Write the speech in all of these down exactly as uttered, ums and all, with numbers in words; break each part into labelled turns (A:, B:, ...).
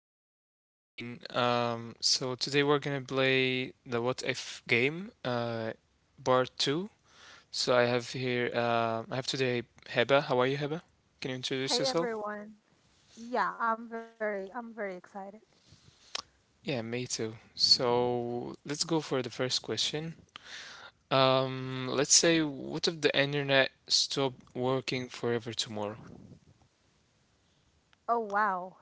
A: This is Yahya again. Um, so today we're gonna play the What If game, uh, part two. So I have here, uh, I have today Heba. How are you, Heba? Can you
B: Hey
A: introduce yourself?
B: everyone. Yeah, I'm very I'm very excited.
A: Yeah, me too. So let's go for the first question. Um, let's say, what if the internet stopped working forever tomorrow?
B: Oh wow.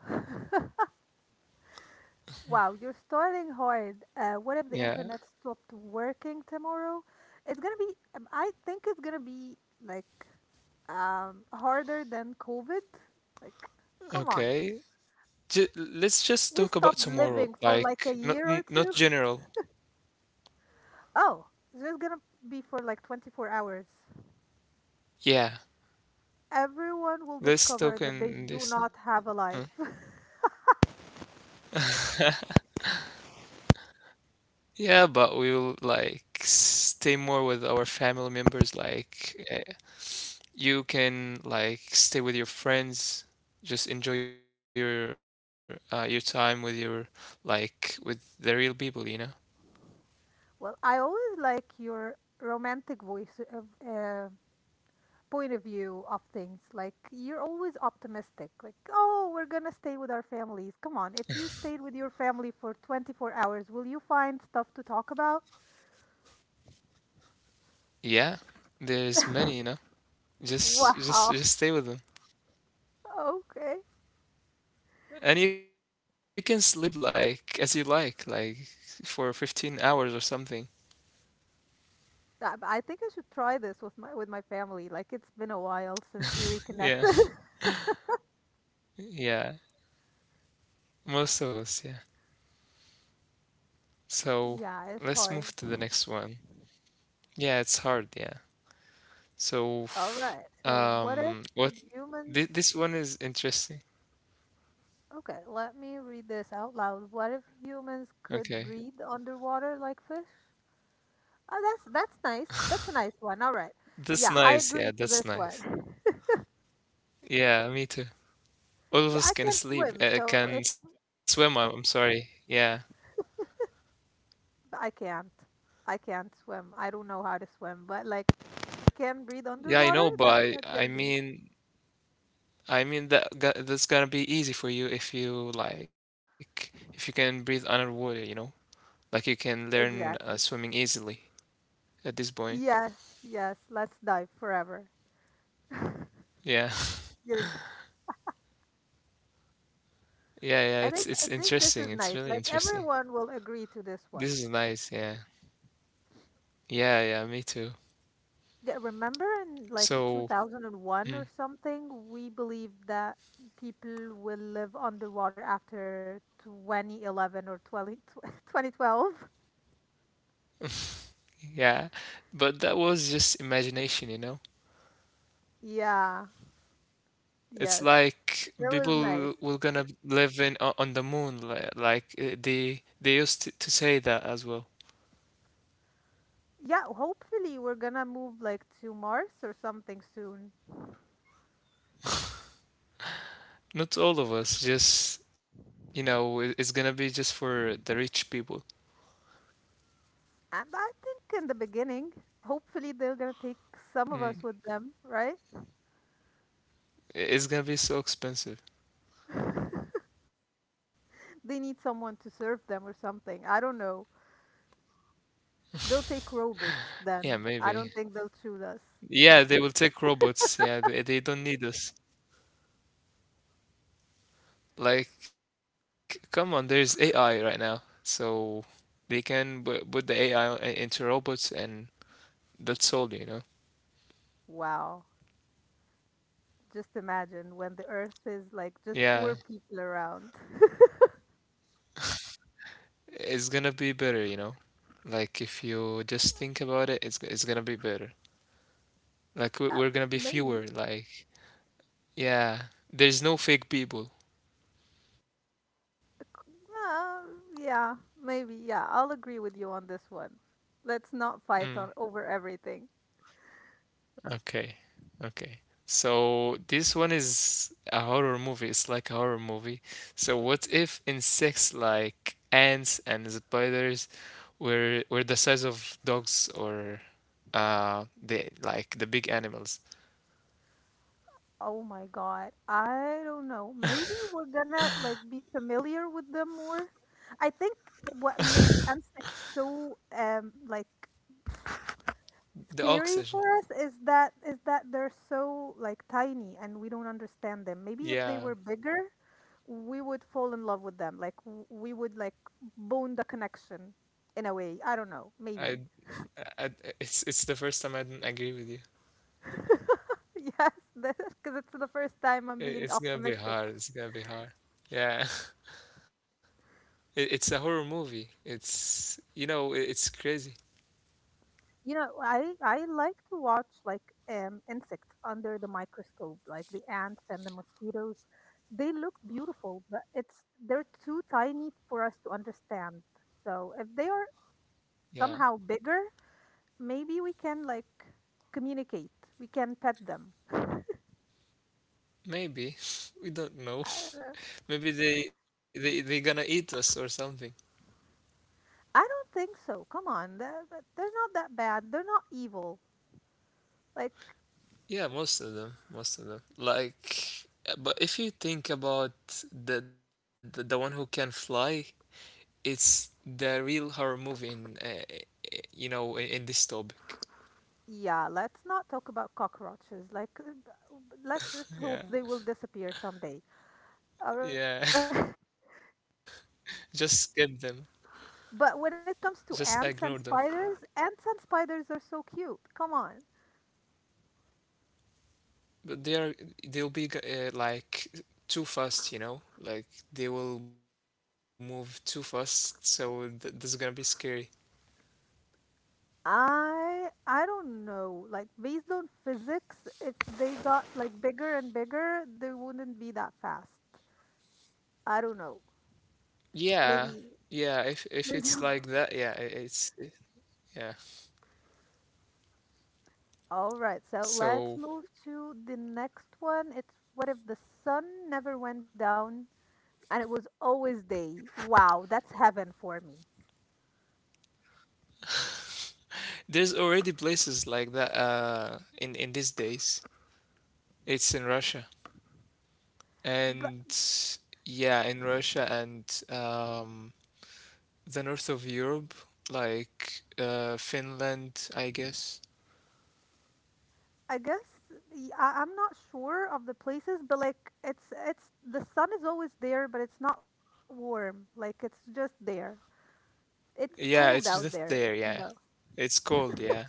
B: Wow, you're starting hard. Uh, what if the
A: Yeah,
B: internet stopped working tomorrow? It's gonna be, um, I think it's gonna be, like, um harder than COVID. Like, come on.
A: okay. Ju-
B: We stopped
A: let's just
B: living
A: talk
B: for
A: about
B: like a
A: tomorrow,
B: year or two.
A: like not n- not general.
B: Oh, it's just gonna be for like twenty-four hours.
A: Yeah.
B: Everyone will
A: Let's
B: discover
A: talk
B: that they
A: in
B: do
A: this.
B: not have a
A: uh,
B: life.
A: Yeah, but we will like stay more with our family members. Like uh, you can like stay with your friends, just enjoy your uh, your time with your like with the real people, you know?
B: Well, I always like your romantic voice of, uh, point of view of things. Like, you're always optimistic. Like, oh, we're gonna stay with our families. Come on, if you stayed with your family for twenty-four hours, will you find stuff to talk about?
A: Yeah, there's many, you know. Just just
B: Wow.
A: just stay with them.
B: Okay.
A: And you can sleep like as you like, like for fifteen hours or something.
B: I I think I should try this with my with my family. Like, it's been a while since we
A: Yeah.
B: reconnected.
A: Yeah. Most of us, yeah. So
B: Yeah, it's
A: let's
B: hard.
A: move to the next one. Yeah, it's hard, yeah. So,
B: All right. So what if
A: um, what
B: humans
A: thi- this one is interesting.
B: Okay, let me read this out loud. What if humans could
A: Okay.
B: breathe underwater like fish? Oh, that's that's nice. That's a nice one. All right.
A: That's
B: Yeah, I
A: nice. Yeah,
B: agree to
A: that's
B: this
A: nice.
B: one.
A: Yeah, me too. All of
B: Yeah,
A: us
B: I
A: can
B: can't
A: sleep,
B: swim,
A: uh,
B: so if
A: can swim. I'm I'm sorry. Yeah.
B: I can't, I can't swim. I don't know how to swim, but like I can breathe
A: Yeah, I
B: underwater.
A: know, but
B: That that's
A: I, I
B: gonna be
A: mean, I mean that go- that's gonna be easy for you if you like, if you can breathe underwater, you know? Like you can learn uh,
B: exactly.
A: swimming easily at this point.
B: Yes, yes. Let's dive forever.
A: Yeah.
B: Going
A: Yeah, yeah,
B: I
A: it's
B: think I
A: it's
B: think this
A: interesting.
B: is
A: It's
B: nice.
A: really
B: Like,
A: interesting.
B: everyone will agree to this one.
A: This is nice, yeah. Yeah, yeah, me too.
B: Yeah, remember in like
A: So,
B: two thousand one or
A: mm,
B: something, we believed that people will live underwater after twenty eleven or twenty twenty twelve.
A: yeah, but that was just imagination, you know?
B: Yeah,
A: It's
B: yes.
A: like
B: That was nice.
A: people were gonna live in o- on the moon, li- like uh, they they used to, to say that as well.
B: Yeah, hopefully we're gonna move like to Mars or something soon.
A: Not all of us, just you know, it- it's gonna be just for the rich people.
B: And I think in the beginning, hopefully they're gonna take some of us
A: Mm,
B: with them, right?
A: It's gonna be so expensive.
B: They need someone to serve them or something. I don't know. They'll take robots then.
A: Yeah,
B: I don't think
A: maybe.
B: they'll choose us.
A: Yeah, they will take robots. Yeah, they, they don't need us. Like, come on, there's A I right now. So they can bu- put the A I into robots and that's all, you know?
B: Wow. Just imagine when the earth is like just poor
A: Yeah,
B: people around.
A: it's gonna be better, you know? Like, if you just think about it, it's, it's gonna be better. Like, we-
B: Uh,
A: we're gonna be
B: maybe.
A: fewer. Like, yeah, there's no fake people.
B: c- Uh, yeah, maybe. Yeah, I'll agree with you on this one. Let's not
A: Mm.
B: fight on over everything.
A: Okay. Okay. So this one is a horror movie. It's like a horror movie. So what if insects like ants and spiders were were the size of dogs or uh the like the big animals?
B: Oh my God. I don't know. Maybe we're gonna like be familiar with them more. I think what makes Ansek so, um like,
A: The
B: scary for us
A: oxygen.
B: is that is that they're so like tiny and we don't understand them. Maybe if they were
A: Yeah.
B: bigger, we would fall in love with them. Like, w- we would like bone the connection in a way. I don't know. Maybe.
A: I, I it's it's the first time I didn't agree with you.
B: Yes, because it's the first time I'm being
A: I- It's gonna
B: optimistic.
A: be hard. It's gonna be hard. Yeah. It, it's a horror movie. It's you know, it, it's crazy.
B: You know, I I like to watch like, um insects under the microscope, like the ants and the mosquitoes. They look beautiful, but it's they're too tiny for us to understand. So if they are
A: Yeah.
B: somehow bigger, maybe we can like communicate. We can pet them.
A: Maybe. We don't
B: I
A: know.
B: don't know.
A: Maybe they they they gonna eat us or something.
B: I don't think so. Come on. They're, they're not that bad. They're not evil. Like,
A: Yeah, most of them, most of them. Like, uh, but if you think about the the, the one who can fly, it's the real horror movie in uh, uh, you know in, in this topic.
B: yeah, let's not talk about cockroaches. Like, uh, let's just hope they will
A: Yeah,
B: disappear someday. All right.
A: yeah. Just skip them.
B: But when it
A: Just
B: comes to
A: ignore
B: ants
A: them.
B: and spiders, ants and spiders are so cute. Come on.
A: But they are they'll be g- uh, like too fast, you know. Like they will move too fast, so th- this is gonna be scary.
B: I I don't know. Like, based on physics, if they got like bigger and bigger, they wouldn't be that fast. I don't know.
A: Yeah,
B: Maybe
A: yeah. If if
B: maybe
A: it's
B: I'm wrong.
A: like that, yeah, i- it's i- yeah.
B: All right, so let's
A: So
B: move to the next one. It's what if the sun never went down and it was always day? Wow, that's heaven for me.
A: there's already places like that uh in in these days. It's in Russia. And
B: But
A: yeah, in Russia and um the north of Europe, like uh Finland, I guess.
B: I guess y- I am not sure of the places, but like it's it's the sun is always there, but it's not warm. Like, it's just there. It's cold
A: Yeah,
B: out
A: it's
B: there,
A: just
B: you
A: there,
B: know.
A: yeah. It's cold, yeah.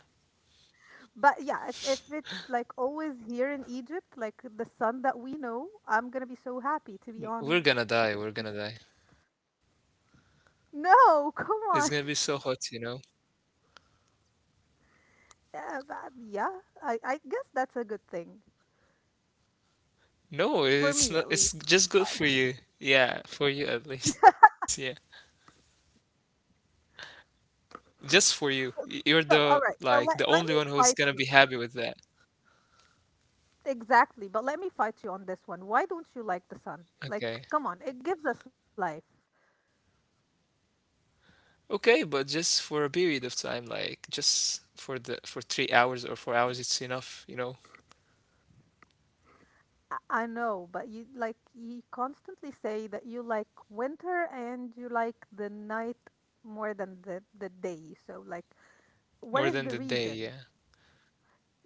B: But yeah, if if it's like always here in Egypt, like the sun that we know, I'm gonna be so happy to
A: We're
B: be
A: gonna die,
B: honest.
A: we're gonna die.
B: No,
A: It's
B: come
A: gonna be
B: on.
A: so hot, you know.
B: Yeah, but- yeah, I I guess that's a good thing
A: No,
B: for
A: it's
B: me
A: not.
B: at
A: It's
B: least.
A: just good for you. Yeah, for you at least. Yeah. Just for you. Y- You're the
B: So, all right.
A: like the
B: So let
A: only one
B: let me
A: who's gonna be
B: fight
A: happy
B: you.
A: with that.
B: Exactly, but let me fight you on this one. Why don't you like the sun?
A: Okay.
B: Like, come on, it gives us life.
A: Okay, but just for a period of time, like just for the for three hours or four hours, it's enough, you know,
B: I know, but you like you constantly say that you like winter and you like the night more than the the day. So like,
A: more than the
B: what is the
A: day. Yeah,
B: reason?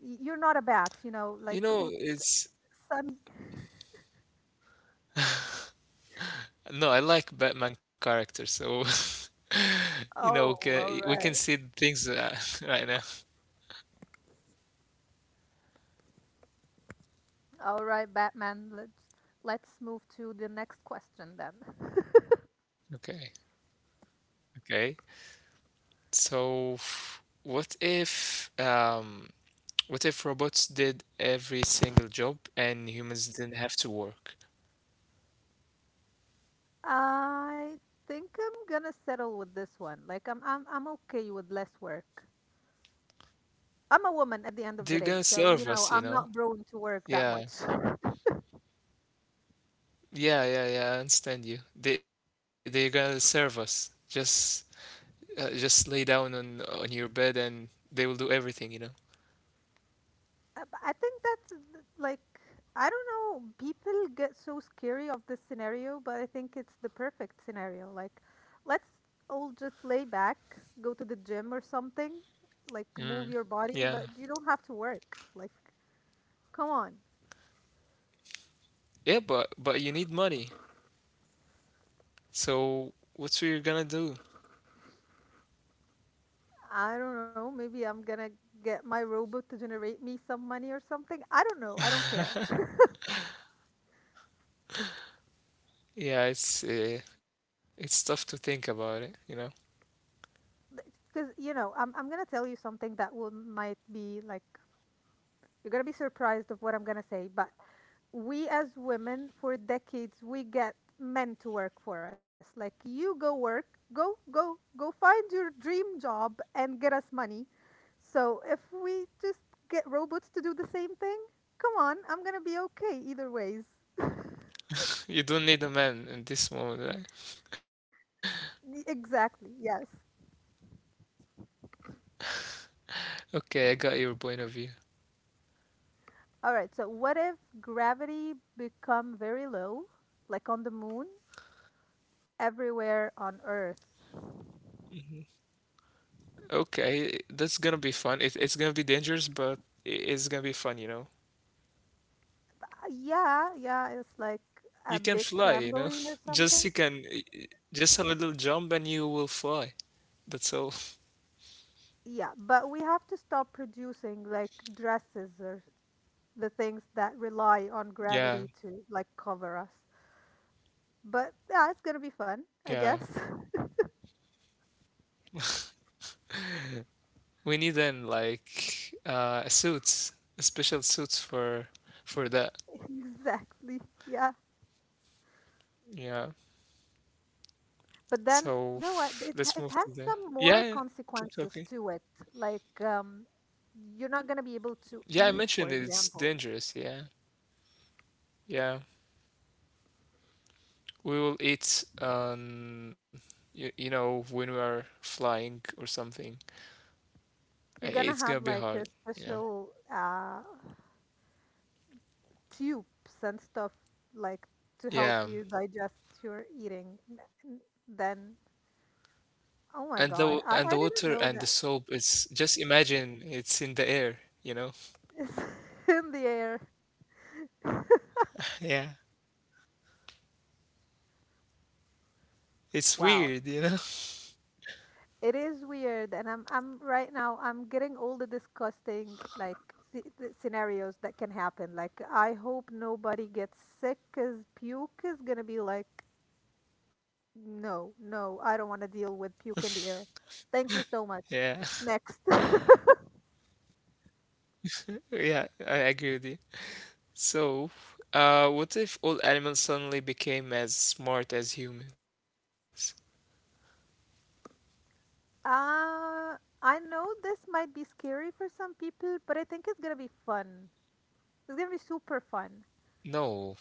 B: Y- You're not a bat, you know,
A: you
B: like
A: know,
B: l-
A: it's
B: sun.
A: no, I like Batman character, so you know, we can,
B: Oh,
A: we
B: all
A: can see
B: right.
A: things uh, right now.
B: All right, Batman. Let's let's move to the next question then.
A: Okay, okay. So, f- what if um, what if robots did every single job and humans didn't have to work?
B: I think I'm gonna settle with this one. Like, I'm I'm I'm okay with less work. I'm a woman at the end of
A: They're
B: the day,
A: gonna
B: so you
A: serve us,
B: know,
A: you
B: I'm
A: know?
B: not prone to work that
A: Yeah.
B: much.
A: Yeah, yeah, yeah, I understand you. They they're gonna serve us. Just uh, just lay down on on your bed and they will do everything, you know?
B: Uh, but I think that's, uh, like, I don't know. People get so scary of this scenario, but I think it's the perfect scenario. Like, let's all just lay back, go to the gym or something, like
A: Mm.
B: move your body,
A: Yeah.
B: but you don't have to work. Like, come on.
A: Yeah, but but you need money. So what's we're gonna do?
B: I don't know. Maybe I'm gonna get my robot to generate me some money or something. I don't know. I don't care.
A: Yeah, it's uh, it's tough to think about it, you know.
B: Because you know, I'm I'm gonna tell you something that will might be like you're gonna be surprised of what I'm gonna say, but we as women for decades we get men to work for us like you go work go go go find your dream job and get us money so if we just get robots to do the same thing come on I'm gonna be okay either ways.
A: You don't need a man in this moment, right?
B: Y- exactly, yes.
A: Okay, I got your point of view.
B: All right, so what if gravity become very low, like on the moon, everywhere on earth?
A: Okay, that's gonna be fun. It, it's gonna be dangerous, but i- it's gonna be fun, you know.
B: Uh, yeah yeah it's like a
A: You can
B: big
A: fly, you know.
B: trampoline or
A: Just
B: something.
A: you can eh, just a little jump and you will fly. That's all.
B: Yeah, but we have to stop producing like dresses or the things that rely on
A: Yeah,
B: gravity to like cover us. But yeah, it's gonna be
A: yeah.
B: fun, I guess.
A: We need then like uh a suits, a special suits for for that.
B: Exactly. Yeah.
A: Yeah.
B: But then
A: So
B: you know what?
A: f-
B: It
A: let's
B: it
A: move to
B: has
A: the
B: some more
A: yeah. yeah. Keep
B: consequences
A: talking.
B: to it. Like, um, you're not gonna be able to
A: Yeah, I
B: eat, for
A: mentioned it. It's
B: example.
A: dangerous. Yeah, yeah. We will eat um you, you know when we are flying or something. I-
B: You're gonna
A: It's gonna
B: have
A: be
B: like
A: hard.
B: a
A: You know.
B: special uh tubes and stuff like to help
A: Yeah.
B: you digest your eating n- n- then
A: And the
B: oh
A: w-
B: my
A: and the
B: god,
A: water
B: i, I
A: and the
B: didn't know
A: soap
B: that
A: is just imagine it's in the air, you know?
B: is in the air.
A: Yeah. It's
B: Wow,
A: weird, you know?
B: it is weird and i'm i'm right now I'm getting all the disgusting like sce- the scenarios that can happen. Like, I hope nobody gets sick because puke is gonna be like, no no, I don't want to deal with puke in the air. Thank you so
A: Yeah.
B: much. Next.
A: Yeah, I agree with you. So, uh, what if all animals suddenly became as smart as humans?
B: Uh, I know this might be scary for some people, but I think it's gonna be fun. It's gonna be super fun.
A: No,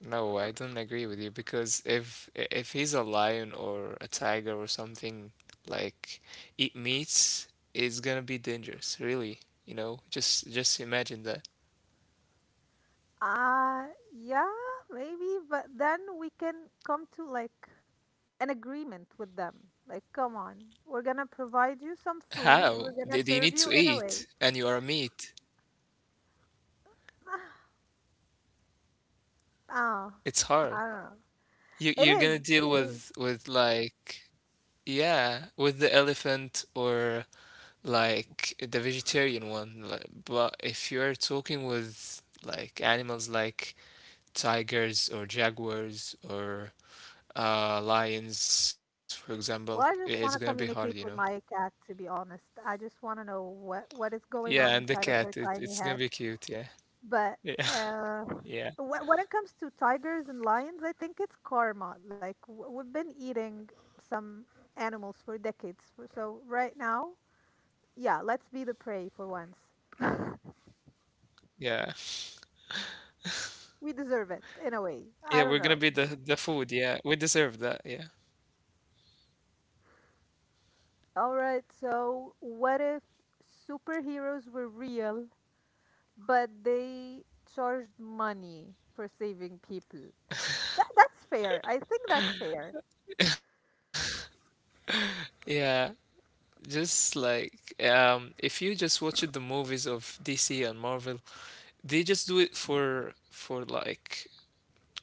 A: no, I don't agree with you because if if he's a lion or a tiger or something like eat meats, it's gonna be dangerous, really. You know, just just imagine that.
B: Uh, yeah, maybe, but then we can come to like an agreement with them. Like, come on, we're gonna provide you some food,
A: How?
B: we're gonna
A: They, they
B: serve
A: need to
B: you in a way.
A: eat, and you are a meat.
B: Oh,
A: It's
B: I
A: hard.
B: don't know.
A: You
B: It
A: you're
B: is.
A: gonna deal
B: It is.
A: with with like yeah, with the elephant or like the vegetarian one. Like, But if you're talking with like animals like tigers or jaguars or uh lions, for example,
B: Well, I
A: i-
B: just
A: it's
B: want to
A: gonna be hard, you
B: communicate
A: know.
B: with my cat, to be honest. I just want to know what what is going on
A: Yeah, and the
B: inside of her
A: cat, it,
B: tiny
A: it's gonna
B: head.
A: be cute, yeah.
B: But
A: Yeah.
B: uh,
A: Yeah.
B: wh- when it comes to tigers and lions, I think it's karma. Like, w- we've been eating some animals for decades. f- So right now, yeah, let's be the prey for once.
A: Yeah.
B: We deserve it in a way.
A: Yeah,
B: I don't
A: we're gonna
B: know.
A: be the the food, yeah. We deserve that, yeah.
B: All right, so what if superheroes were real, but they charged money for saving people? That that's fair. I think that's fair.
A: Yeah, just like um, if you just watch the movies of D C and Marvel, they just do it for for like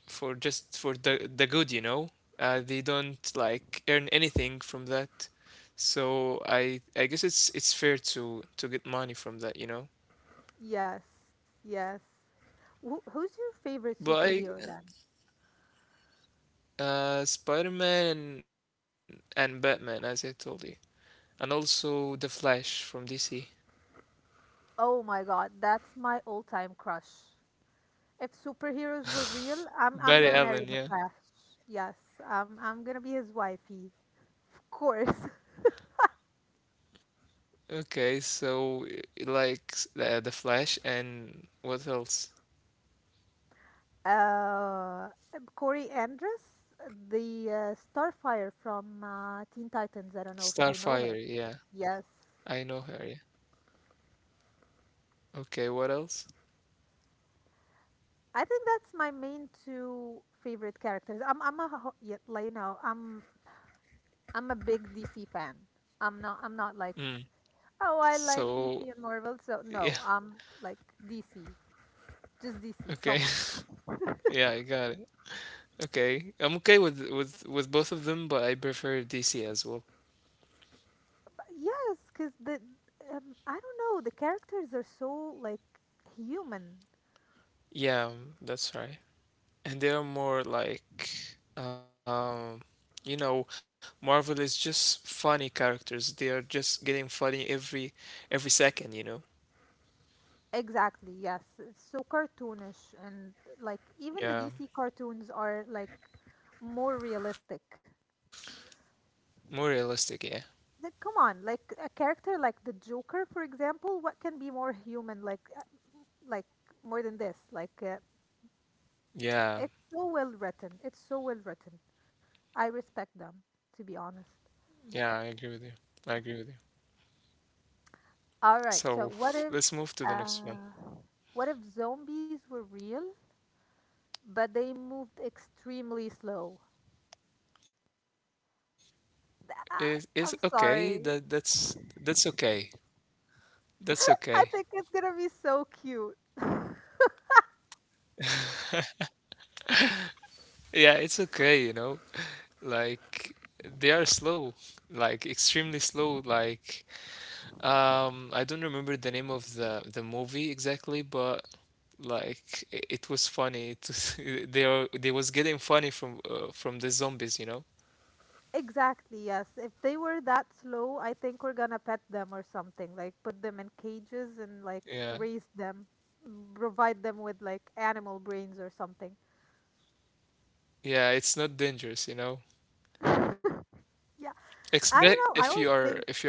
A: for just for the the good, you know. Uh, they don't like earn anything from that, so I I guess it's it's fair to to get money from that, you know.
B: Yes, yes. Wh- who's your favorite
A: But I
B: superhero then?
A: uh, Spider-Man and, and Batman, as I told you, and also the Flash from D C,
B: Oh my god, that's my all-time crush. If superheroes were real, I'm I'm
A: Barry
B: gonna marry
A: Allen,
B: the
A: yeah.
B: Flash. Yes, I'm I'm gonna be his wifey, of course.
A: Okay, so i- i- like s- uh, the Flash and what else?
B: Uh, um, Corey Andrus, the uh, Starfire from uh, Teen Titans. I don't know if you know
A: Starfire,
B: her.
A: yeah.
B: Yes,
A: I know her, yeah. Okay, what else?
B: I think that's my main two favorite characters. I'm I'm a ho- yeah, Like, now, I'm I'm a big D C fan. I'm not I'm not like,
A: Mm.
B: oh, I like
A: So
B: D C and Marvel, so
A: yeah,
B: no, I'm like D C. Just D C.
A: okay.
B: Come on.
A: Yeah, I got it. Okay. I'm okay with with with both of them, but I prefer D C as well.
B: But because the, um, I don't know, the characters are so like human.
A: Yeah, um, that's right. And they are more like um you know, Marvel is just funny characters. They are just getting funny every every second, you know.
B: Exactly. Yes. It's so cartoonish and like even the D C
A: Yeah,
B: cartoons are like more realistic.
A: more realistic, yeah.
B: Like, come on, like a character like the Joker, for example, what can be more human like, uh, like more than this? Like, uh,
A: Yeah,
B: it's so well written. It's so well written. I respect them, to be
A: yeah, I
B: honest.
A: agree with you. I agree with you. So
B: All right,
A: f-
B: so
A: let's
B: what
A: move
B: if,
A: to the next one.
B: uh what if zombies were real, but they moved extremely slow?
A: It is
B: Th-
A: okay.
B: ah,
A: That
B: I'm
A: that's
B: sorry.
A: that's okay. That's okay.
B: I think it's gonna be so cute.
A: Yeah, it's okay, you know. Like they are slow, like extremely slow. Like um, I don't remember the name of the the movie exactly, but like i- it was funny. To, they are they was getting funny from uh, from the zombies, you know.
B: Exactly, yes. If they were that slow, I think we're gonna pet them or something, like put them in cages and like
A: Yeah,
B: raise them, m- provide them with like animal brains or something.
A: yeah, it's not dangerous, you know.
B: Yeah,
A: Expect
B: I
A: if
B: don't
A: you
B: know. I
A: are
B: always
A: if you're a
B: think
A: kid.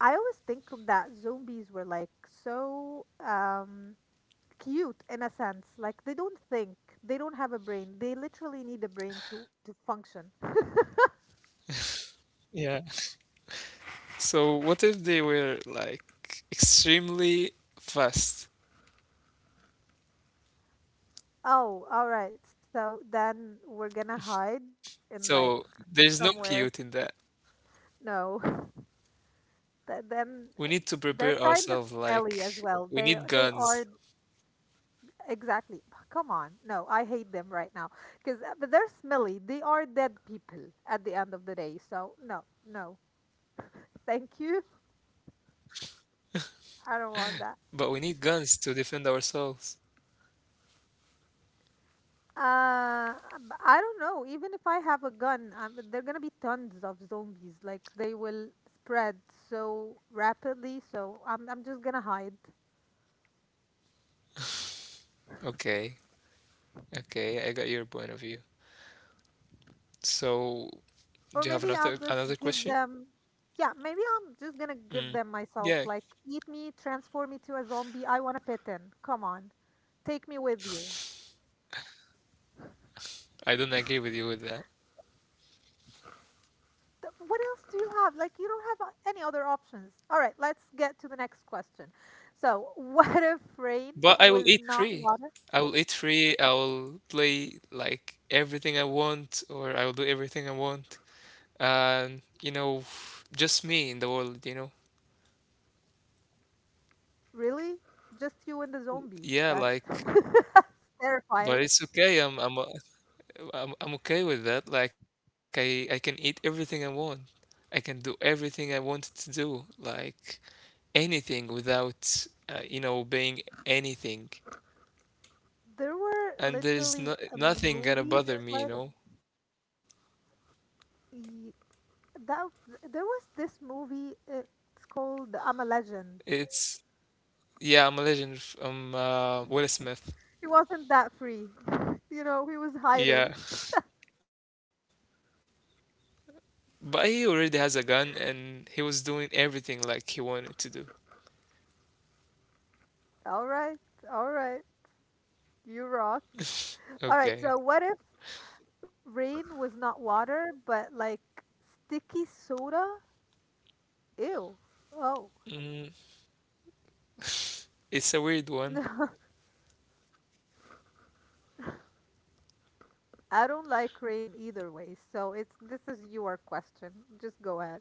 B: I always think that zombies were like so, um cute in a sense. Like, they don't think, they don't have a brain. They literally need a brain to to function.
A: Yeah. So what if they were like extremely fast?
B: Oh, all right. So then we're gonna hide in like
A: So there's no
B: somewhere.
A: cute in that.
B: No. Th- Then
A: We
B: uh,
A: need to
B: they're
A: prepare
B: kind of
A: ourselves
B: smelly as
A: like
B: well.
A: we
B: They
A: need
B: they are
A: guns,
B: exactly. Come on. No, I hate them right now because but they're smelly. They are dead people at the end of the day. So no, no. Thank you. I don't want that.
A: but we need guns to defend ourselves.
B: Uh, b- I don't know. Even if I have a gun, um, there are gonna be tons of zombies. Like they will spread so rapidly. So I'm I'm just gonna hide,
A: Okay. Okay, I got your point of view. So do you
B: or
A: have
B: maybe
A: another
B: I'll just
A: another
B: give
A: question?
B: them. Yeah, maybe I'm just gonna
A: Mm.
B: give them
A: Yeah,
B: myself. Like eat me, transform me to a zombie. I wanna fit in. Come on, take me with you.
A: I don't agree with you with that.
B: Th- what else do you have? Like, you don't have uh, any other options. All right, let's get to the next question. So, what if rain
A: But
B: was
A: I will eat
B: not
A: free.
B: water?
A: I will eat free. I will play like everything I want, or I will do everything I want. And you know, just me in the world, you know.
B: Really? Just you and the zombies. That's,
A: Yeah,
B: that's
A: like,
B: terrifying.
A: but it's okay. I'm I'm uh, I'm, I'm okay with that. Like, I I can eat everything I want. I can do everything I want to do, like anything without uh, you know obeying anything.
B: There were
A: And there's no
B: literally a
A: nothing gonna
B: movie
A: bother
B: just
A: me, you
B: like
A: know.
B: y- that. There was this movie, it's called I'm a Legend.
A: It's Yeah, I'm a legend. f- Um, uh, Will Smith.
B: He wasn't that free. You know, he was hiding.
A: Yeah, but he already has a gun, and he was doing everything like he wanted to do.
B: All right, all right, you rock. All right, so what
A: Okay.
B: if rain was not water, but like sticky soda? Ew. Oh.
A: Mm, it's a weird one.
B: No, I don't like rain either way. So it's this is your question. Just go ahead.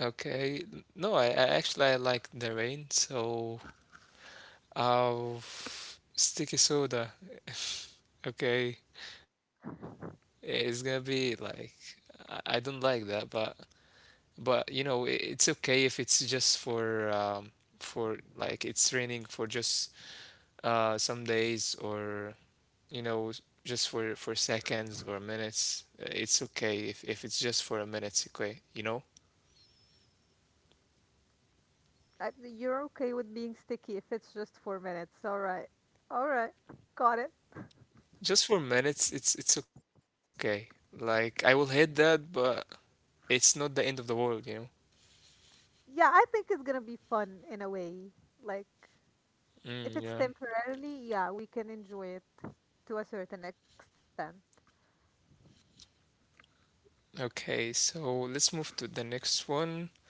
A: Okay. No, I, I actually I like the rain, so I'll sticky soda. Okay. It's gonna be like I, I don't like that, but but you know i- it's okay if it's just for um for like it's raining for just uh, some days, or you know, just for for seconds or minutes. Uh, it's okay if, if it's just for a minute. It's okay, you know,
B: I, you're okay with being sticky if it's just four minutes. All right. All right. Got it.
A: just for minutes. It's it's okay. Like I will hit that, but it's not the end of the world, you know.
B: Yeah, I think it's gonna be fun in a way. Like if it's
A: Mm, yeah.
B: temporarily, yeah, we can enjoy it to a certain extent.
A: Okay, so let's move to the next one.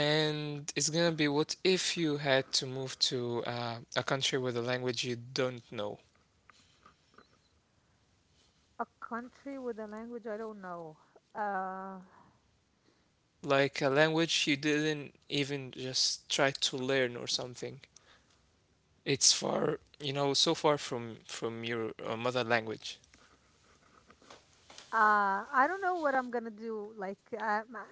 A: And it's gonna be, what if you had to move to uh, a country with a language you don't know,
B: A country with a language I don't know. Uh.
A: like a language you didn't even just try to learn or something. It's far, you know, so far from from your uh, mother language.
B: Uh, I don't know what I'm gonna do. Like, um, uh,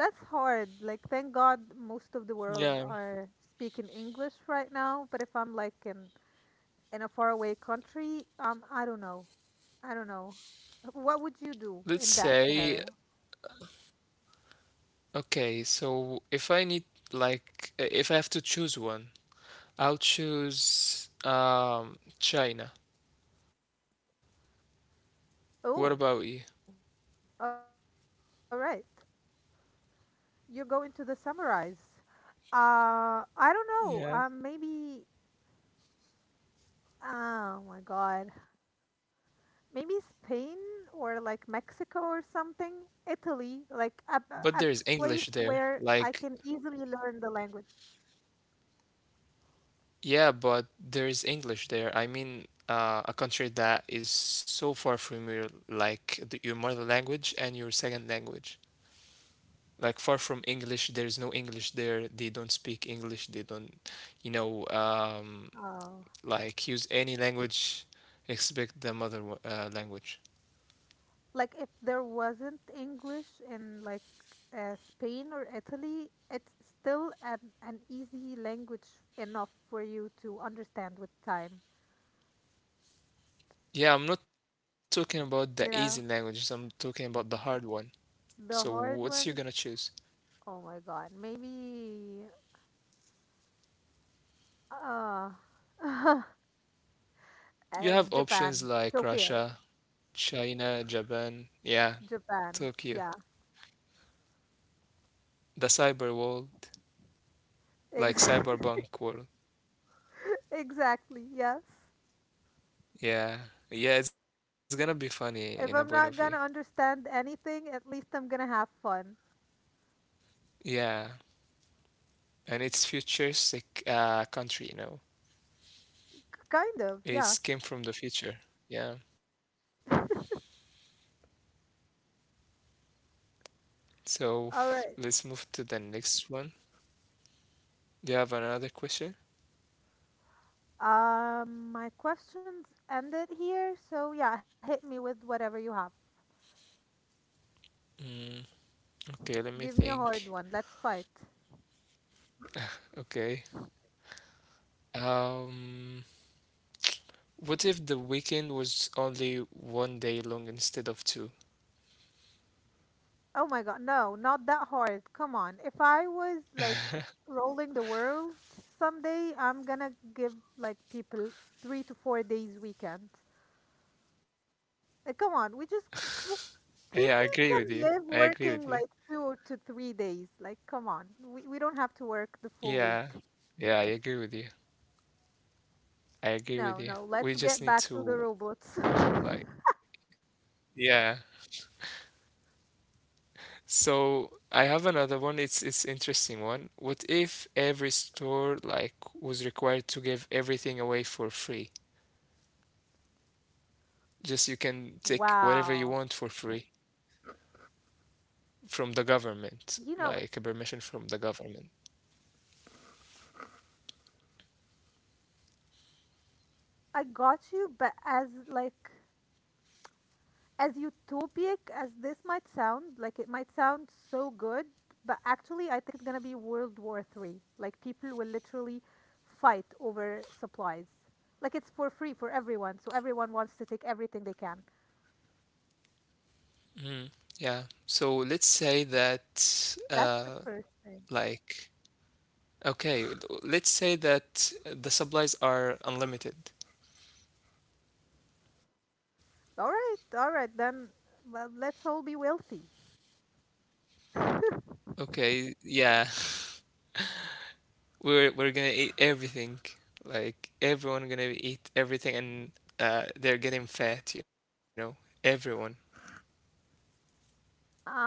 B: that's hard. Like, thank God most of the world
A: Yeah.
B: are speaking English right now. But if I'm like in in a faraway country, um, I don't know. I don't know. What would you do
A: Let's
B: in that
A: say,
B: scenario?
A: okay, so if I need, like, uh, if I have to choose one, I'll choose um China. What about
B: Oh,
A: you?
B: all right. You're going to the summarize. Uh, I don't know. Um, maybe.
A: Yeah.
B: Oh my God. Maybe Spain or like Mexico or something, Italy, like a, a place
A: But
B: where
A: there's
B: I
A: English
B: can
A: there.
B: easily learn the
A: Like,
B: language.
A: yeah, but there's English there. I mean, uh, a country that is so far from your, like the, your mother language and your second language. Like far from English. There is no English there. They don't speak English. They don't, you know, um,
B: Oh,
A: like, use any language except the mother uh, language.
B: like if there wasn't English in like uh, Spain or Italy, it's still an, an easy language enough for you to understand with time.
A: Yeah, I'm not talking about the easy
B: You
A: languages. I'm
B: know,
A: talking about the hard one. So
B: the
A: what's you
B: hard
A: gonna
B: ones,
A: choose?
B: oh my God, maybe uh,
A: You
B: uh
A: have options
B: Japan,
A: like
B: Tokyo,
A: Russia, China, Japan. Yeah,
B: Japan.
A: Tokyo,
B: Yeah.
A: the cyber world, like
B: Ex-
A: cyberpunk world.
B: exactly, yes.
A: Yeah, yeah, it's gonna be funny in a point of
B: If
A: view.
B: I'm not gonna understand anything, at least I'm gonna have fun.
A: Yeah, and it's futuristic uh, country, you know.
B: K- kind of, yeah.
A: It's came from the future. Yeah. So f-
B: All right.
A: let's move to the next one. Do you have another question?
B: Um, my questions ended here, so yeah, hit me with whatever you have.
A: Mm, okay, let
B: Give
A: me
B: me a hard
A: think.
B: one. Let's fight.
A: Okay. Um, what if the weekend was only one day long instead of two?
B: Oh my god, no, not that hard. Come on. If I was like rolling the world someday, I'm gonna give like people three to four days weekend. Like, come on, we just w-
A: Yeah, I agree with
B: people
A: you. I
B: can live
A: agree with you.
B: working like two to three days. Like, come on, we, we don't have to work the full
A: Yeah.
B: week.
A: Yeah, I agree with you. I
B: No,
A: agree with
B: no,
A: you.
B: let's
A: We
B: get
A: just
B: back to
A: need
B: the
A: to,
B: robots.
A: like, yeah. So I have another one. It's it's interesting one. What if every store, like, was required to give everything away for free? Just you can take whatever you
B: Wow.
A: want for free from the government, like a permission from the
B: You know,
A: government.
B: I got you, but as like as utopic as this might sound, like it might sound so good, but actually I think it's gonna be World War Three. Like people will literally fight over supplies. Like it's for free for everyone, so everyone wants to take everything they can.
A: Mm, yeah. So let's say that uh
B: That's the first thing.
A: like okay, let's say that the supplies are unlimited.
B: All right, all right, then well, let's all be wealthy.
A: Okay, yeah. We're we're gonna eat everything. Like everyone gonna eat everything, and uh, they're getting fat. You know, everyone.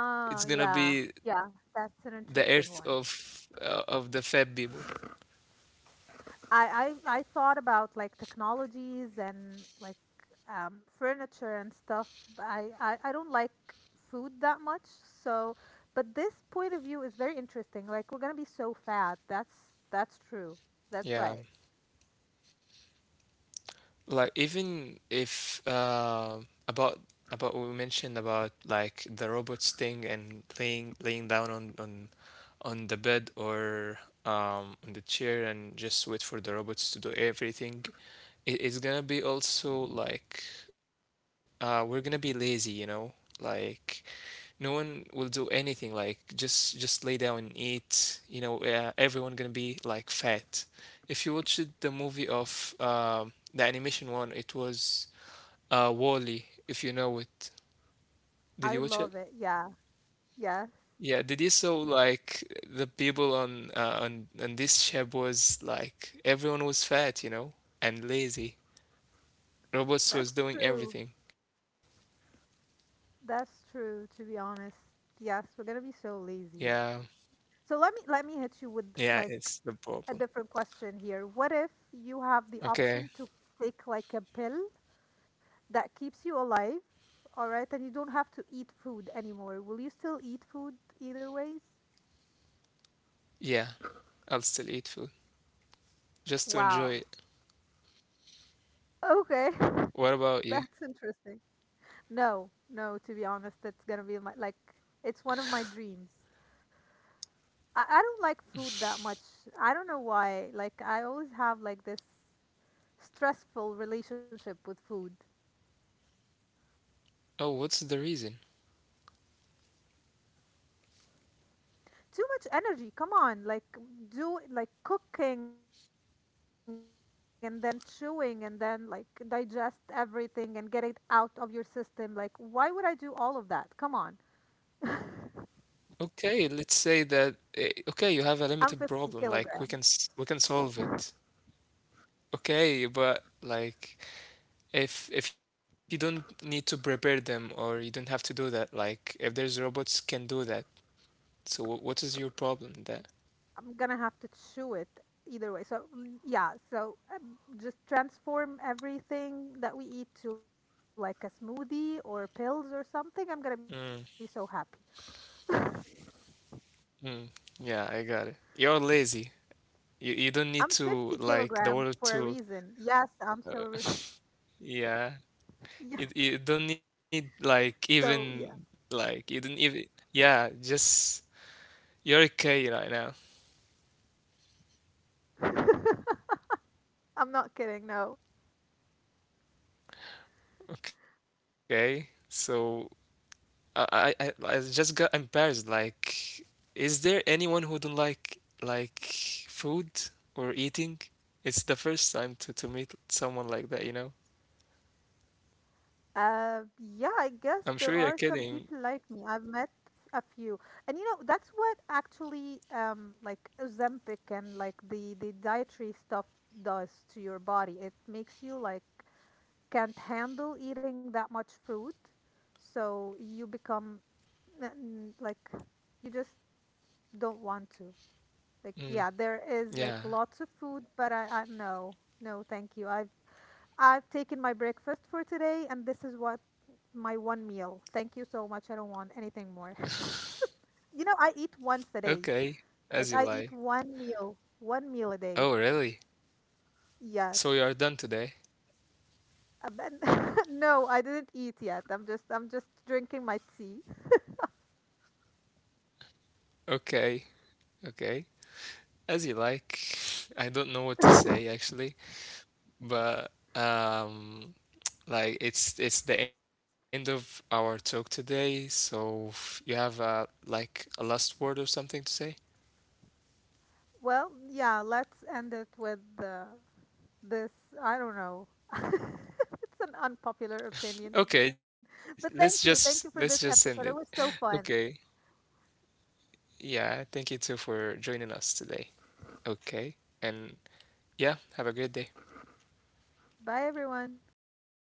A: It's gonna be
B: yeah, yeah, that's an
A: the
B: interesting
A: earth
B: one.
A: of uh, of the fat people.
B: I, I I thought about like technologies and like um, furniture and stuff. But I, I I don't like food that much, so but this point of view is very interesting. Like we're gonna be so fat. That's that's true. That's
A: Yeah.
B: right.
A: Like, even if uh, about about what we mentioned about like the robots thing, and laying laying down on on on the bed, or um on the chair, and just wait for the robots to do everything. It, it's gonna be also like, uh we're gonna be lazy, you know. Like, no one will do anything, like just just lay down and eat, you know. Uh, everyone gonna be like fat. If you watched the movie of um the animation one, it was uh, Wall-E, if you know it.
B: I
A: Did
B: love
A: you
B: it.
A: watch it?
B: Yeah. Yes.
A: Yeah, did you saw like the people on uh, on on this ship? Was like everyone was fat, you know, and lazy. Robots was
B: That's
A: doing
B: true.
A: everything.
B: That's true. To be honest, yes, we're gonna be so lazy.
A: Yeah,
B: So let me let me hit you with
A: yeah,
B: like
A: it's the
B: a
A: problem.
B: different question here. What if you have the
A: Okay,
B: option to take like a pill that keeps you alive, all right? And you don't have to eat food anymore. Will you still eat food either ways?
A: yeah, I'll still eat food just to enjoy
B: Wow.
A: it.
B: Okay.
A: What about you?
B: That's interesting. No, no, to be honest, that's gonna be my like it's one of my dreams. I, I don't like food that much. I don't know why. Like I always have like this stressful relationship with food.
A: Oh, what's the reason?
B: Too much energy. Come on, like do like cooking and then chewing and then like digest everything and get it out of your system. Like why would I do all of that? Come on.
A: Okay, let's say
B: I'm
A: that
B: fifty
A: eh, okay, you
B: kilograms.
A: have a limited problem. Like, we can s- we can solve it. Okay, but like, if if you don't need to prepare them, or you don't have to do that, like if there's robots can do that. So wh- what is your problem in that?
B: I'm gonna have to chew it either way. So mm, yeah, so um, just transform everything that we eat to like a smoothie or pills or something. I'm gonna be so
A: Mm,
B: happy.
A: mm. Yeah, I got it. You're lazy.
B: I'm fifty
A: You you don't
B: kilograms
A: need
B: for a
A: to,
B: reason.
A: like, the
B: Yes,
A: world
B: I'm
A: to
B: so. re-
A: uh,
B: Yeah,
A: yeah. You you don't need,
B: so
A: like,
B: yeah,
A: even like you don't even, yeah, just you're okay right now.
B: I'm not kidding. No.
A: Okay, so I, I, I I just got embarrassed. Like, is there anyone who don't like like food or eating? It's the first time to to meet someone like that, you know?
B: Uh, yeah, I
A: I'm sure
B: guess
A: you're
B: there are
A: kidding.
B: some people like me. I've met a few, and you know that's what actually um like Ozempic and like the the dietary stuff does to your body. It makes you like can't handle eating that much food, so you become n- like you just don't want to. Like
A: Mm,
B: yeah, there is
A: yeah.
B: like lots of food, but I I no no thank you. i I've taken my breakfast for today, and this is what my one meal. Thank you so much. I don't want anything more. You know, I eat once a day.
A: Okay, as
B: Like
A: you
B: I eat
A: like.
B: one meal, one meal a day.
A: Oh, really?
B: Yes.
A: So you are done today?
B: Uh, but no, I didn't eat yet. I'm just I'm just drinking my tea.
A: Okay, okay. As you like. I don't know what to say actually. But um, like it's it's the end of our talk today, so you have uh, like, a last word or something to say?
B: Well, yeah, let's end it with the this, I don't know. It's an unpopular
A: Okay,
B: opinion.
A: let's
B: But
A: just
B: thank
A: let's
B: you.
A: just
B: Thank you
A: end
B: for
A: it.
B: this episode. It was so
A: Okay.
B: fun.
A: Yeah, thank you too for joining us today. Okay. And yeah, have a great day.
B: Bye everyone.